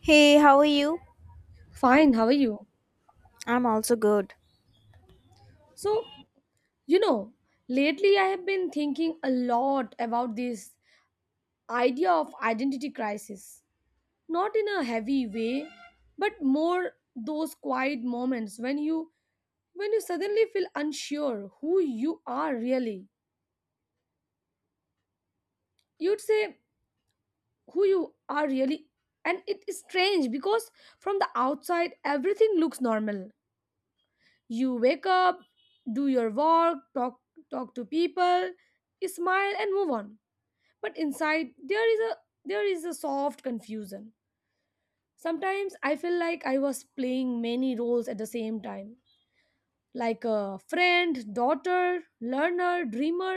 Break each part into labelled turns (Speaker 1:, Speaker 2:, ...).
Speaker 1: Hey, how are you?
Speaker 2: Fine, how are you?
Speaker 1: I'm also good.
Speaker 2: So, you know, Lately I have been thinking a lot about this idea of identity crisis. Not in a heavy way, but more those quiet moments when you suddenly feel unsure who you are really. You'd say who you are really, and it is strange because from the outside everything looks normal. You wake up, do your work, talk to people, smile and move on, but inside there is a soft confusion. Sometimes I feel like I was playing many roles at the same time, like a friend, daughter, learner, dreamer,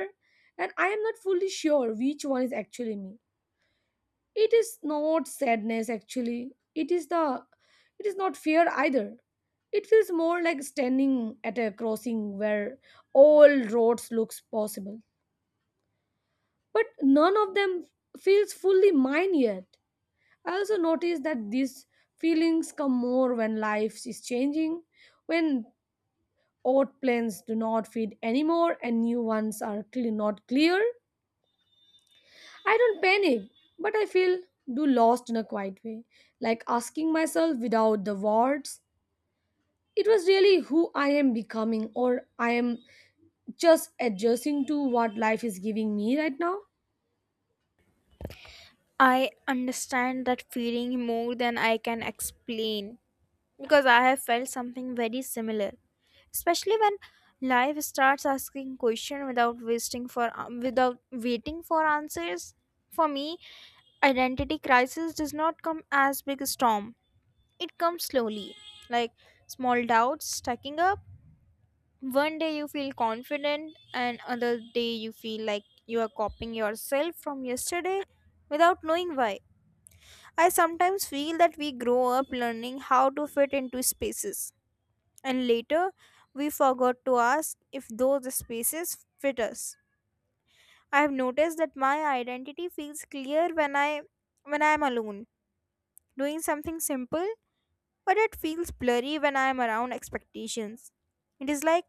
Speaker 2: and I am not fully sure which one is actually me. It is not sadness, actually. It is not fear either. It feels more like standing at a crossing where all roads looks possible, but none of them feels fully mine yet. I also noticed that these feelings come more when life is changing, when old plans do not fit anymore and new ones are clearly not clear. I don't panic, but I feel do lost in a quiet way, like asking myself without the words. It was really who I am becoming, or I am just adjusting to what life is giving me right now.
Speaker 1: I understand that feeling more than I can explain because I have felt something very similar, especially when life starts asking questions without waiting for answers. For me, identity crisis does not come as big a storm. It comes slowly, like small doubts stacking up. One day you feel confident, and another day you feel like you are copying yourself from yesterday without knowing why. I sometimes feel that we grow up learning how to fit into spaces, and later we forgot to ask if those spaces fit us. I have noticed that my identity feels clear when I am alone, doing something simple, but it feels blurry when I am around expectations. It is like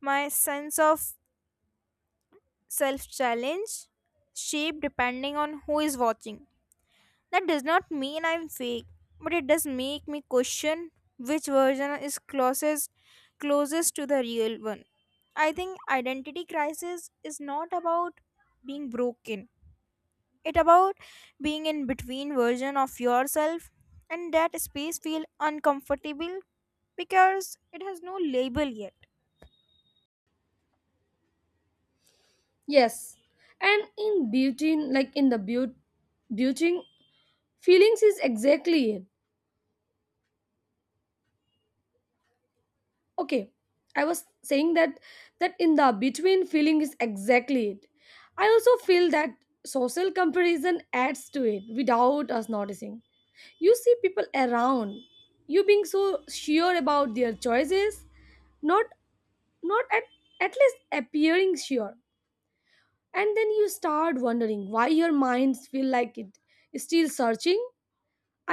Speaker 1: my sense of self challenge shape depending on who is watching. That does not mean I'm fake, but it does make me question which version is closest to the real one. I think identity crisis is not about being broken. It about being in between version of yourself, and that space feel uncomfortable because it has no label yet.
Speaker 2: Yes, and in beauty, like in the beauty, beauty feelings is exactly it. Okay i was saying that that in the between feeling is exactly it. I also feel that social comparison adds to it without us noticing. You see people around you being so sure about their choices, not not at at least appearing sure, and then you start wondering why your minds feel like it is still searching.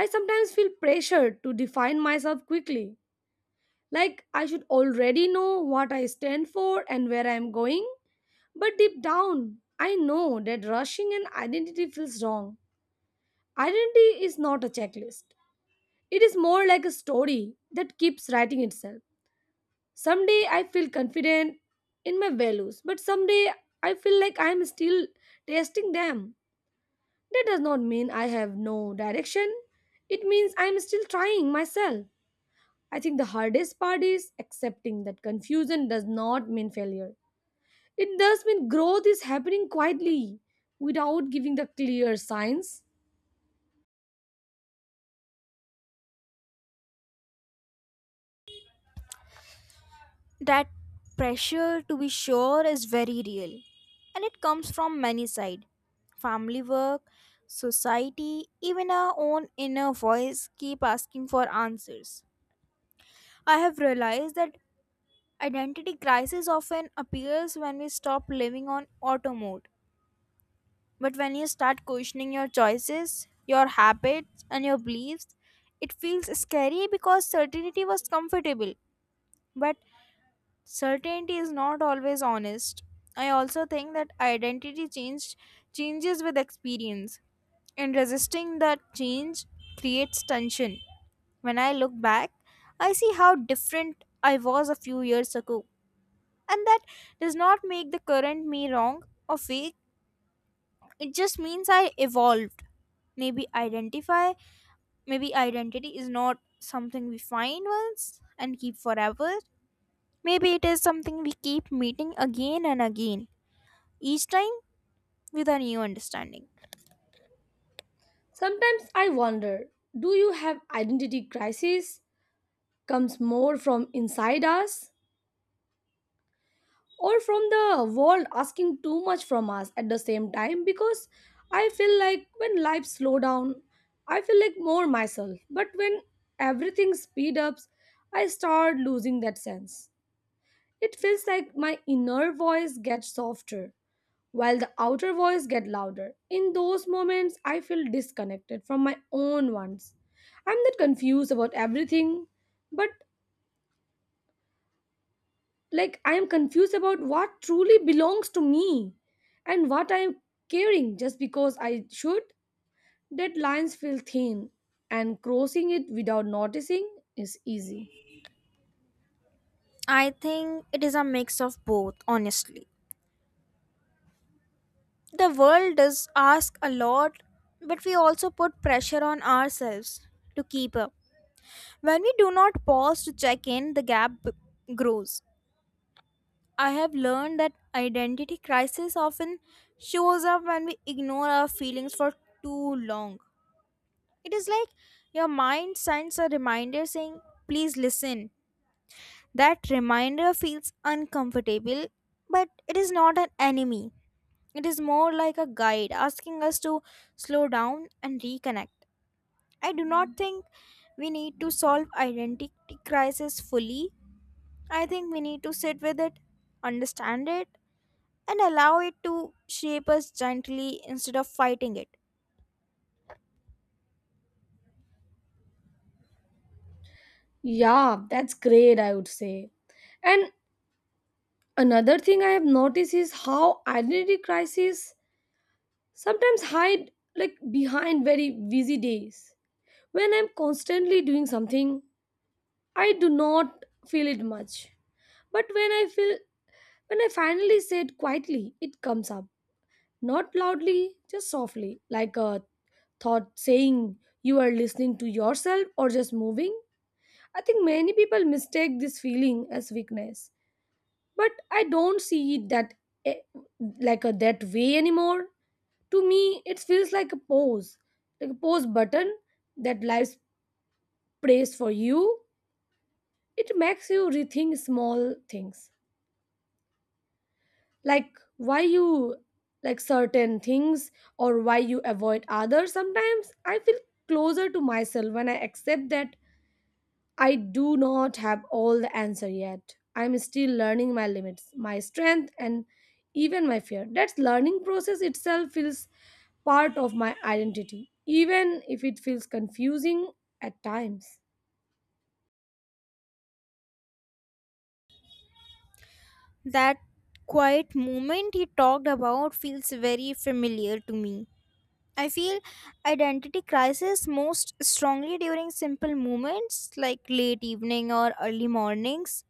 Speaker 2: I sometimes feel pressured to define myself quickly, like I should already know what I stand for and where I'm going. But deep down, I know that rushing an identity feels wrong. Identity is not a checklist. It is more like a story that keeps writing itself. Someday I feel confident in my values, but someday I feel like I'm still testing them. That does not mean I have no direction. It means I'm still trying myself. I think the hardest part is accepting that confusion does not mean failure. It does mean growth is happening quietly without giving the clear signs.
Speaker 1: That pressure to be sure is very real, and it comes from many side, family, work, society, even our own inner voice keep asking for answers. I have realized that identity crisis often appears when we stop living on auto mode, but when you start questioning your choices, your habits, and your beliefs, it feels scary because certainty was comfortable, but certainty is not always honest. I also think that identity change changes with experience, and resisting that change creates tension. When I look back, I see how different I was a few years ago, and that does not make the current me wrong or fake. It just means I evolved. Maybe identify, Maybe identity is not something we find once and keep forever. Maybe it is something we keep meeting again and again, each time with a new understanding.
Speaker 2: Sometimes I wonder, do you have identity crisis comes more from inside us or from the world asking too much from us at the same time? Because I feel like when life slow down, I feel like more myself, but when everything speed ups, I start losing that sense. It feels like my inner voice gets softer while the outer voice gets louder. In those moments, I feel disconnected from my own ones. I'm not confused about everything, but like I am confused about what truly belongs to me and what I am caring just because I should. That lines feel thin, and crossing it without noticing is easy.
Speaker 1: I think it is a mix of both, honestly. The world does ask a lot, but we also put pressure on ourselves to keep up. When we do not pause to check in, grows. I have learned that identity crisis often shows up when we ignore our feelings for too long. It is like your mind sends a reminder saying, "Please listen." That reminder feels uncomfortable, but it is not an enemy. It is more like a guide asking us to slow down and reconnect. I do not think we need to solve identity crisis fully. I think we need to sit with it, understand it, and allow it to shape us gently instead of fighting it.
Speaker 2: Yeah, that's great, I would say. And another thing I have noticed is how identity crises sometimes hide like behind very busy days. When I'm constantly doing something, I do not feel it much. But when I feel When I finally say it quietly, it comes up. Not loudly, just softly, like a thought saying, you are listening to yourself or just moving? I think many people mistake this feeling as weakness, but I don't see it that eh, like a that way anymore. To me, it feels like a pause button that life prays for you. It makes you rethink small things, like why you like certain things or why you avoid others. Sometimes I feel closer to myself when I accept that I do not have all the answer yet. I'm still learning my limits, my strength and even my fear. That learning process itself feels part of my identity, even if it feels confusing at times.
Speaker 1: That quiet moment he talked about feels very familiar to me. I feel identity crisis most strongly during simple moments like late evening or early mornings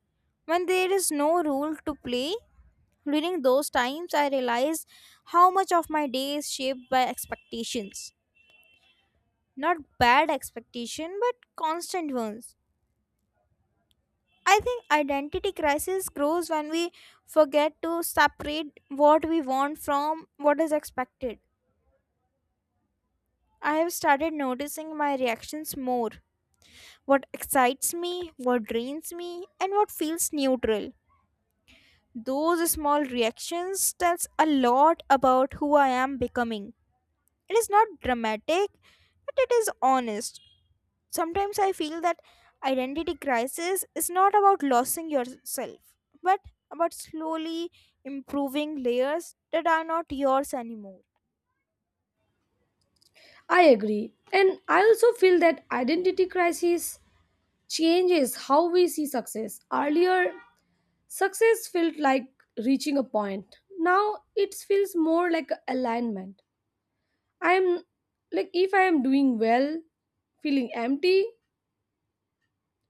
Speaker 1: when there is no role to play. During those times, I realize how much of my day is shaped by expectations. Not bad expectation, but constant ones. I think identity crisis grows when we forget to separate what we want from what is expected. I have started noticing my reactions more. What excites me, what drains me, and what feels neutral. Those small reactions tells a lot about who I am becoming. It is not dramatic, but it is honest. Sometimes I feel that identity crisis is not about losing yourself, but about slowly improving layers that are not yours anymore.
Speaker 2: I agree. And I also feel that identity crisis changes how we see success. Earlier, success felt like reaching a point. Now it feels more like alignment. I'm like If I am doing well, feeling empty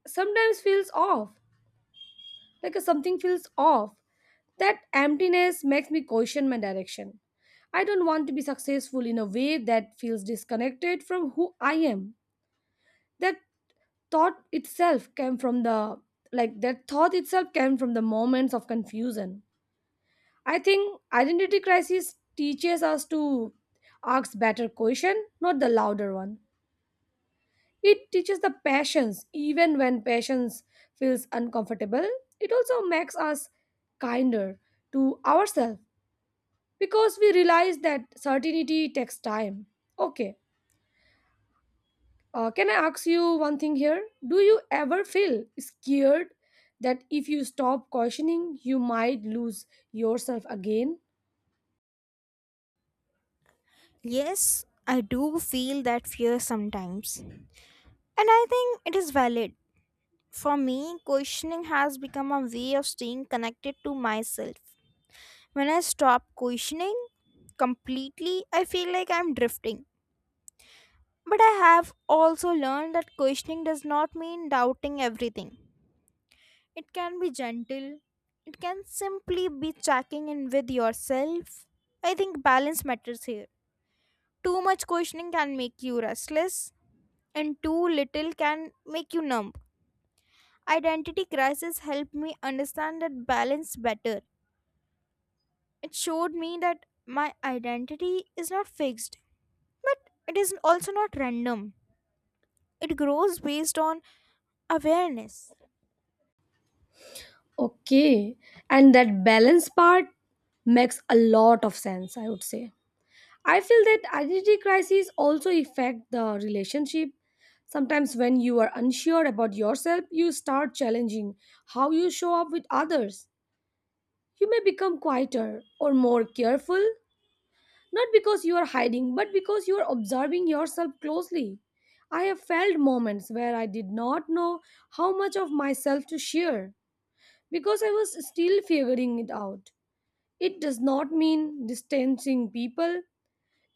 Speaker 2: sometimes feels off. Like something feels off. That emptiness makes me question my direction. I don't want to be successful in a way that feels disconnected from who I am. That thought itself came from the that thought itself came from the moments of confusion. I think identity crisis teaches us to ask better question, not the louder one. It teaches the passions, even when passions feels uncomfortable. It also makes us kinder to ourselves because we realize that certainty takes time. Okay, can I ask you one thing here? Do you ever feel scared that if you stop cautioning, you might lose yourself again?
Speaker 1: Yes, I do feel that fear sometimes. And I think it is valid. For me, questioning has become a way of staying connected to myself. When I stop questioning completely, I feel like I'm drifting. But I have also learned that questioning does not mean doubting everything. It can be gentle, it can simply be checking in with yourself. I think balance matters here. Too much questioning can make you restless, and too little can make you numb. Identity crisis helped me understand that balance better. It showed me that my identity is not fixed, but it is also not random. It grows based on awareness.
Speaker 2: Okay, and that balance part makes a lot of sense, I would say. I feel that identity crises also affect the relationship. Sometimes, when you are unsure about yourself, you start challenging how you show up with others. You may become quieter or more careful, not because you are hiding, but because you are observing yourself closely. I have felt moments where I did not know how much of myself to share because I was still figuring it out. It does not mean distancing people,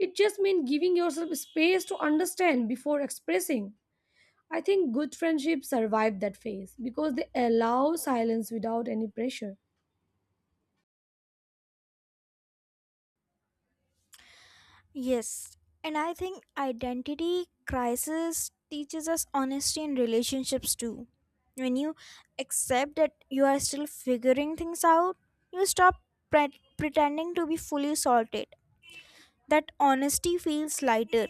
Speaker 2: it just means giving yourself space to understand before expressing. I think good friendships survive that phase because they allow silence without any pressure.
Speaker 1: Yes, and I think identity crisis teaches us honesty in relationships too. When you accept that you are still figuring things out, you stop pretending to be fully sorted. That honesty feels lighter.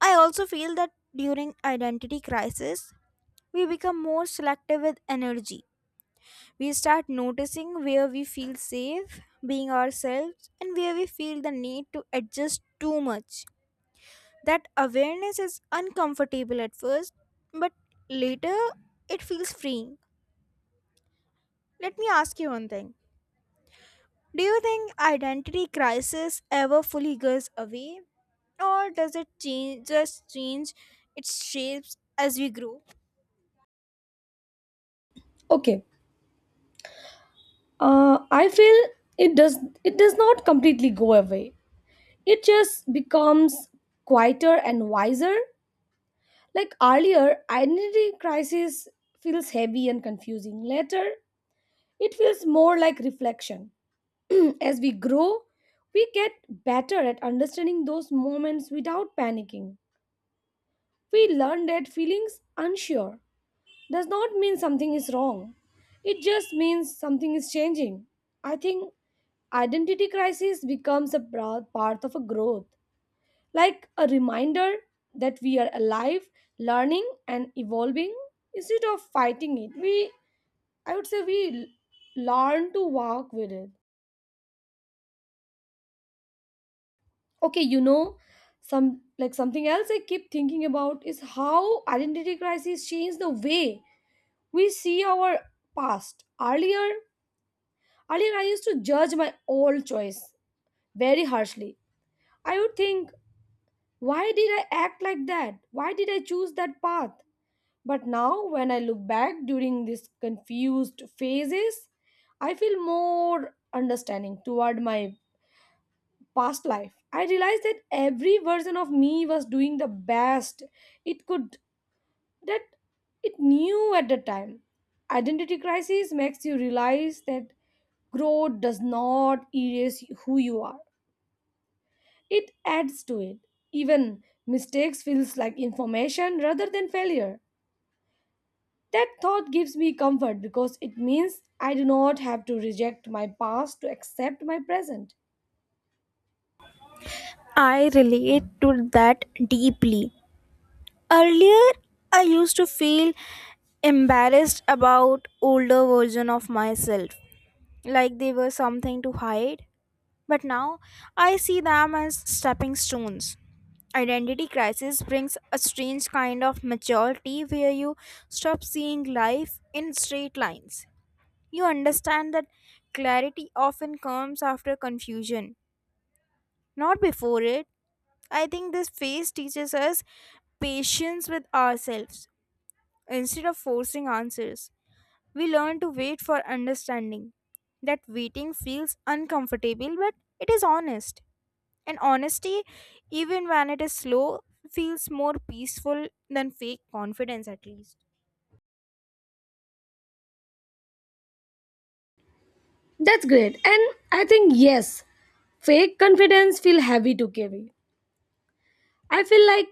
Speaker 1: I also feel that during identity crisis, we become more selective with energy. We start noticing where we feel safe being ourselves and where we feel the need to adjust too much. That awareness is uncomfortable at first, but later it feels freeing. Let me ask you one thing. Do you think identity crisis ever fully goes away? Or does it change, just change its shapes as we grow?
Speaker 2: Okay, I feel it does it does not completely go away. It just becomes quieter and wiser. Like earlier, identity crisis feels heavy and confusing. Later, it feels more like reflection. As we grow, we get better at understanding those moments without panicking. We learn that feelings unsure does not mean something is wrong. It just means something is changing. I think identity crisis becomes a proud part of a growth, like a reminder that we are alive, learning and evolving. Instead of fighting it, we I would say we learn to walk with it. okay you know Something else I keep thinking about is how identity crises change the way we see our past. Earlier I used to judge my old choice very harshly. I would think, why did I act like that, why did I choose that path? But now when I look back during these confused phases, I feel more understanding toward my past life. I realized that every version of me was doing the best it could that it knew at the time. Identity crisis makes you realize that growth does not erase who you are. It adds to it. Even mistakes feels like information rather than failure. That thought gives me comfort because it means I do not have to reject my past to accept my present.
Speaker 1: I relate to that deeply. Earlier, I used to feel embarrassed about older version of myself, like they were something to hide. But now, I see them as stepping stones. Identity crisis brings a strange kind of maturity where you stop seeing life in straight lines. You understand that clarity often comes after confusion, not before it. I think this phase teaches us patience with ourselves. Instead of forcing answers, we learn to wait for understanding. That waiting feels uncomfortable, but it is honest. And honesty, even when it is slow, feels more peaceful than fake confidence, at least.
Speaker 2: That's great. And I think, yes, fake confidence feel heavy to carry. I feel like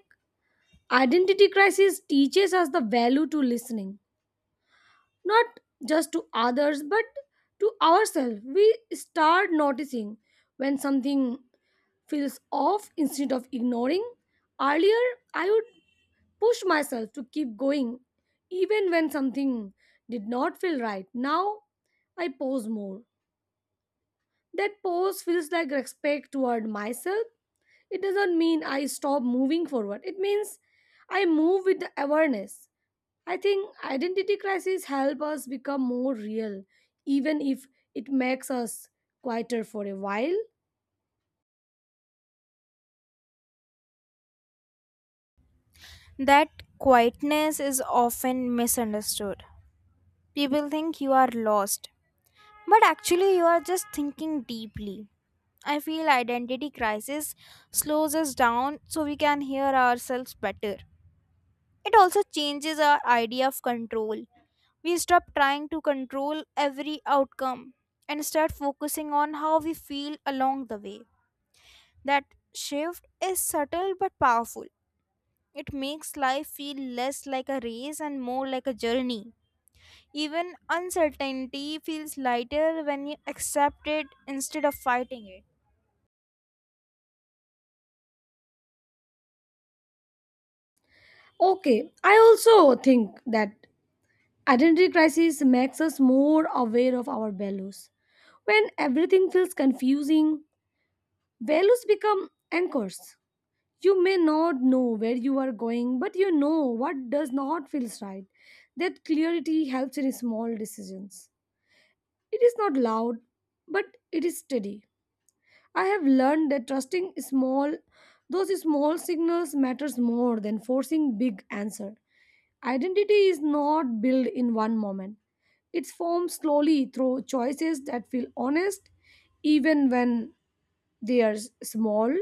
Speaker 2: identity crisis teaches us the value to listening, not just to others, but to ourselves. We start noticing when something feels off instead of ignoring. Earlier, I would push myself to keep going even when something did not feel right. Now, I pause more. That pause feels like respect toward myself. It does not mean I stop moving forward. It means I move with the awareness. I think identity crises help us become more real, even if it makes us quieter for a while.
Speaker 1: That quietness is often misunderstood. People think you are lost, but actually, you are just thinking deeply. I feel identity crisis slows us down so we can hear ourselves better. It also changes our idea of control. We stop trying to control every outcome and start focusing on how we feel along the way. That shift is subtle but powerful. It makes life feel less like a race and more like a journey. Even uncertainty feels lighter when you accept it instead of fighting it.
Speaker 2: Okay, I also think that identity crisis makes us more aware of our values. When everything feels confusing, values become anchors. You may not know where you are going, but you know what does not feel right. That clarity helps in small decisions. It is not loud, but it is steady. I have learned that trusting small those small signals matters more than forcing big answer. Identity is not built in one moment. It's formed slowly through choices that feel honest even when they are small.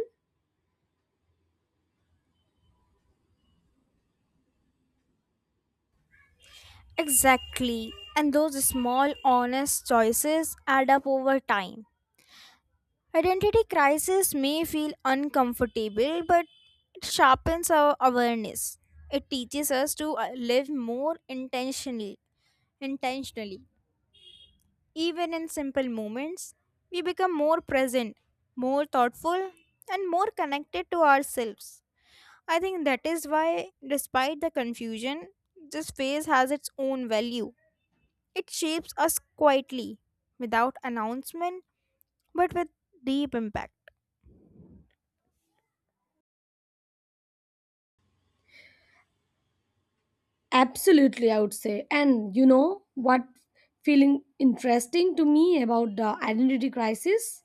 Speaker 1: Exactly. And those small, honest choices add up over time. Identity crisis may feel uncomfortable, but it sharpens our awareness. It teaches us to live more intentionally. Even in simple moments, we become more present, more thoughtful, and more connected to ourselves. I think that is why, despite the confusion, this phase has its own value. It shapes us quietly, without announcement, but with deep impact.
Speaker 2: Absolutely, I would say. And you know what feeling interesting to me about the identity crisis?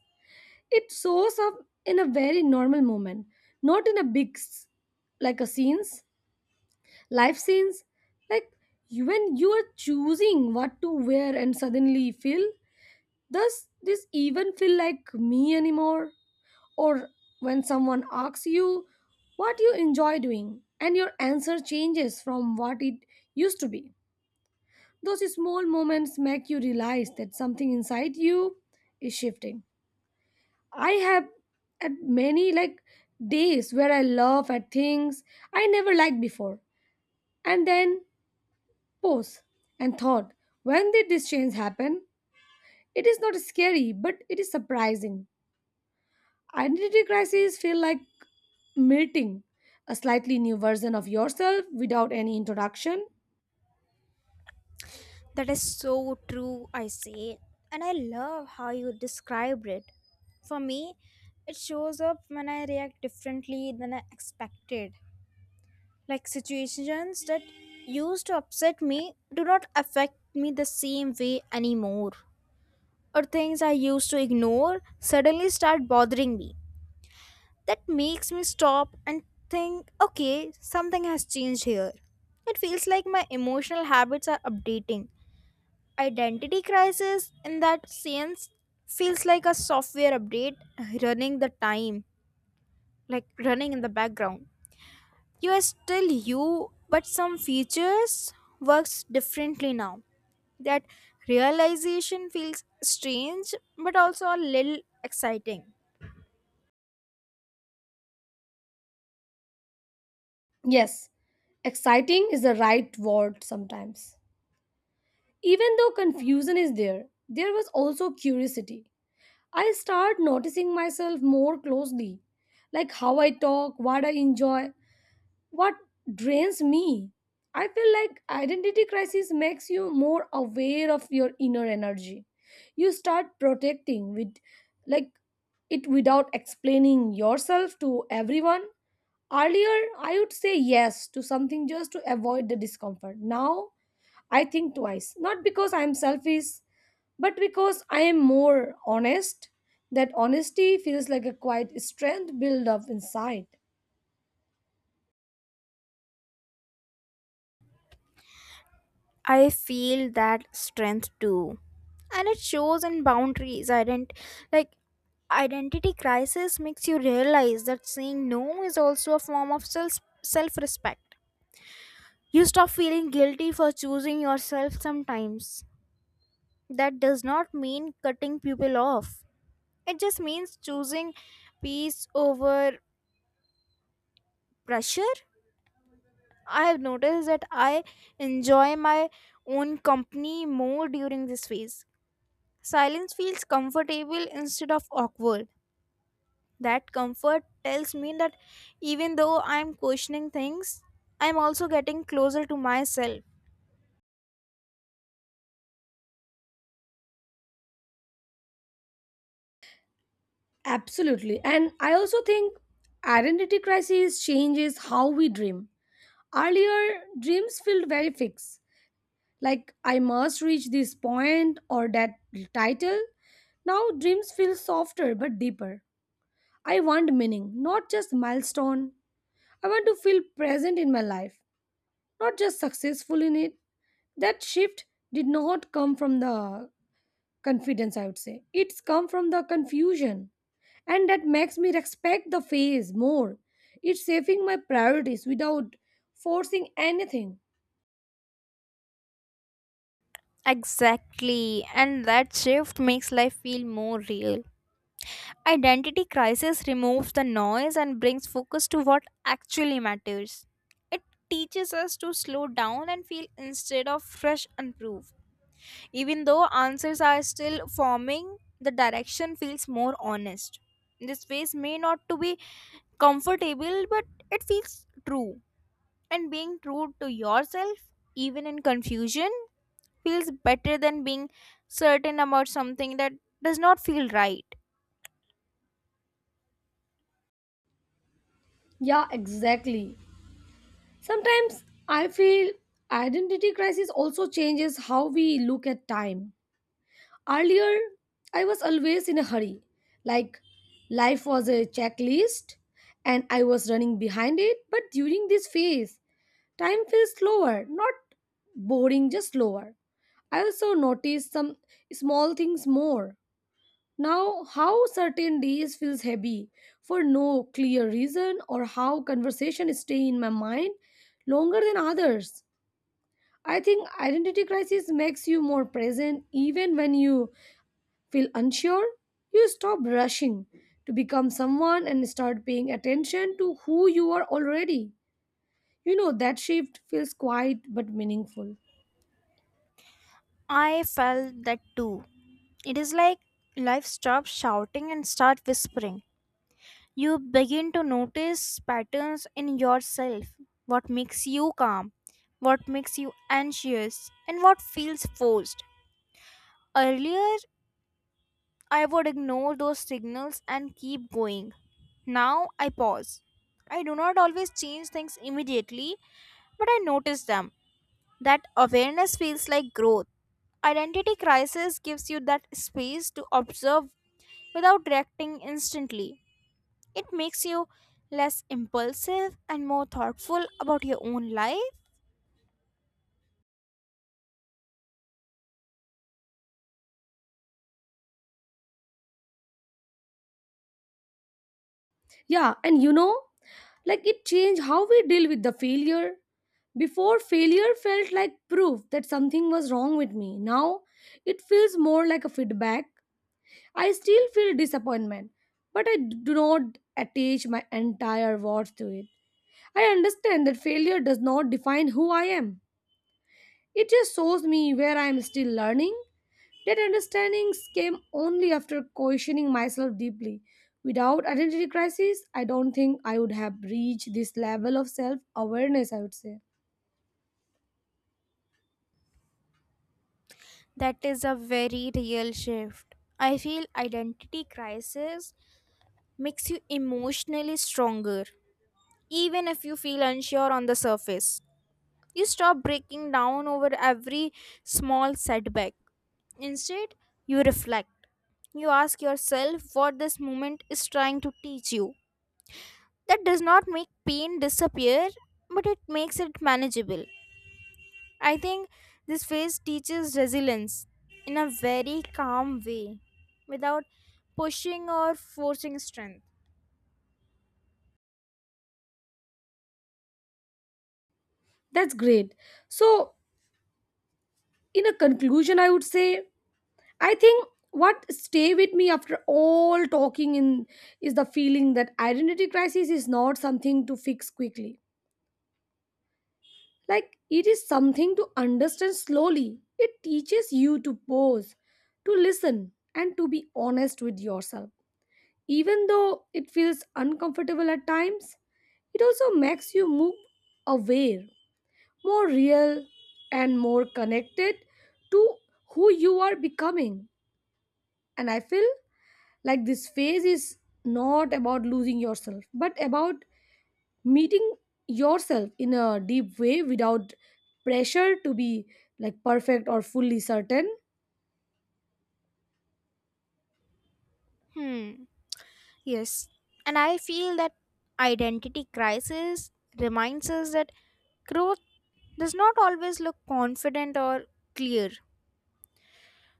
Speaker 2: It shows up in a very normal moment, not in a big, s- like a scenes, life scenes. Like when you are choosing what to wear and suddenly feel, does this even feel like me anymore? Or when someone asks you what you enjoy doing and your answer changes from what it used to be. Those small moments make you realize that something inside you is shifting. I have had many like days where I laugh at things I never liked before and then pause and thought, when did this change happen? It is not scary, but it is surprising. Identity crises feel like meeting a slightly new version of yourself without any introduction.
Speaker 1: That is so true, I say. And I love how you described it. For me, it shows up when I react differently than I expected. Like situations that used to upset me do not affect me the same way anymore. Or things I used to ignore suddenly start bothering me. That makes me stop and think, okay, something has changed here. It feels like my emotional habits are updating. Identity crisis in that sense feels like a software update running the time, like running in the background. You are still you, but some features works differently now. That realization feels strange but also a little exciting.
Speaker 2: Yes, exciting is the right word sometimes. Even though confusion is there, there was also curiosity. I start noticing myself more closely, like how I talk, what I enjoy, what drains me. I feel like identity crisis makes you more aware of your inner energy. You start protecting with like It without explaining yourself to everyone. Earlier, I would say yes to something just to avoid the discomfort. Now, I think twice, not because I'm selfish but because I am more honest. That honesty feels like a quiet strength built up inside.
Speaker 1: I feel that strength too. And it shows in boundaries. Like identity crisis makes you realize that saying no is also a form of self-respect. You stop feeling guilty for choosing yourself sometimes. That does not mean cutting people off. It just means choosing peace over pressure. I have noticed that I enjoy my own company more during this phase. Silence feels comfortable instead of awkward. That comfort tells me that even though I'm questioning things, I'm also getting closer to myself.
Speaker 2: Absolutely. And I also think identity crisis changes how we dream. Earlier, dreams felt very fixed, like I must reach this point or that title. Now, dreams feel softer but deeper. I want meaning, not just milestone. I want to feel present in my life, not just successful in it. That shift did not come from the confidence. I would say it's come from the confusion, and that makes me respect the phase more. It's shaping my priorities without forcing anything.
Speaker 1: Exactly, and that shift makes life feel more real. Identity crisis removes the noise and brings focus to what actually matters. It teaches us to slow down and feel instead of fresh and proof. Even though answers are still forming, the direction feels more honest. This phase may not to be comfortable, but it feels true. And being true to yourself, even in confusion, feels better than being certain about something that does not feel right.
Speaker 2: Yeah, exactly. Sometimes I feel identity crisis also changes how we look at time. Earlier, I was always in a hurry, like life was a checklist and I was running behind it, but during this phase, time feels slower, not boring, just slower. I also notice some small things more. Now, how certain days feels heavy for no clear reason or how conversation stay in my mind longer than others. I think identity crisis makes you more present even when you feel unsure. You stop rushing to become someone and start paying attention to who you are already. That shift feels quiet but meaningful.
Speaker 1: I felt that too. It is like life stops shouting and start whispering. You begin to notice patterns in yourself, what makes you calm, what makes you anxious, and what feels forced. Earlier, I would ignore those signals and keep going. Now I pause. I do not always change things immediately, but I notice them. That awareness feels like growth. Identity crisis gives you that space to observe without reacting instantly. It makes you less impulsive and more thoughtful about your own life.
Speaker 2: Yeah, like it changed how we deal with the failure. Before, failure felt like proof that something was wrong with me. Now, it feels more like a feedback. I still feel disappointment, but I do not attach my entire worth to it. I understand that failure does not define who I am, it just shows me where I am still learning. That understandings came only after questioning myself deeply. Without identity crisis, I don't think I would have reached this level of self awareness, I would say.
Speaker 1: That is a very real shift. I feel identity crisis makes you emotionally stronger, even if you feel unsure on the surface. You stop breaking down over every small setback. Instead, you reflect. You ask yourself what this moment is trying to teach you. That does not make pain disappear, but it makes it manageable. I think this phase teaches resilience in a very calm way without pushing or forcing strength.
Speaker 2: That's great. So, in a conclusion, I would say, I think what stay with me after all talking in is the feeling that identity crisis is not something to fix quickly. Like it is something to understand slowly. It teaches you to pause, to listen, and to be honest with yourself. Even though it feels uncomfortable at times, it also makes you move aware, more real, and more connected to who you are becoming. And I feel like this phase is not about losing yourself, but about meeting yourself in a deep way without pressure to be like perfect or fully certain.
Speaker 1: Hmm. Yes. And I feel that identity crisis reminds us that growth does not always look confident or clear.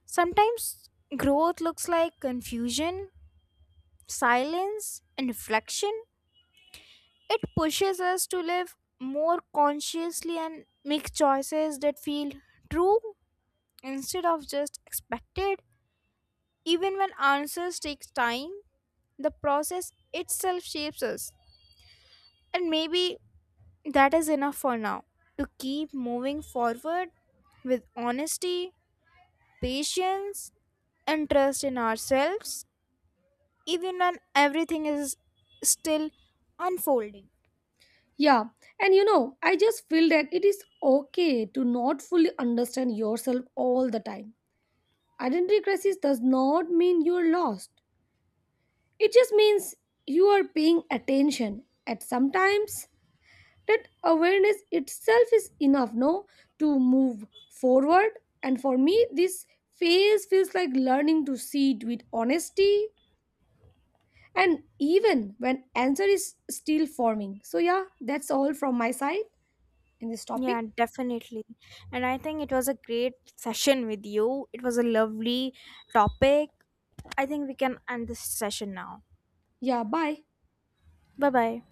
Speaker 1: Sometimes growth looks like confusion, silence, and reflection. It pushes us to live more consciously and make choices that feel true instead of just expected. Even when answers take time, the process itself shapes us. And maybe that is enough for now to keep moving forward with honesty, patience, and trust in ourselves, even when everything is still unfolding.
Speaker 2: Yeah, I just feel that it is okay to not fully understand yourself all the time. Identity crisis does not mean you're lost. It just means you are paying attention. At sometimes that awareness itself is enough, no, to move forward. And for me, this phase feels like learning to see it with honesty and even when answer is still forming. So yeah, that's all from my side in this
Speaker 1: Yeah,
Speaker 2: topic.
Speaker 1: definitely. And I think it was a great session with you. It was a lovely topic. I think we can end this session now.
Speaker 2: Yeah, bye.
Speaker 1: Bye bye.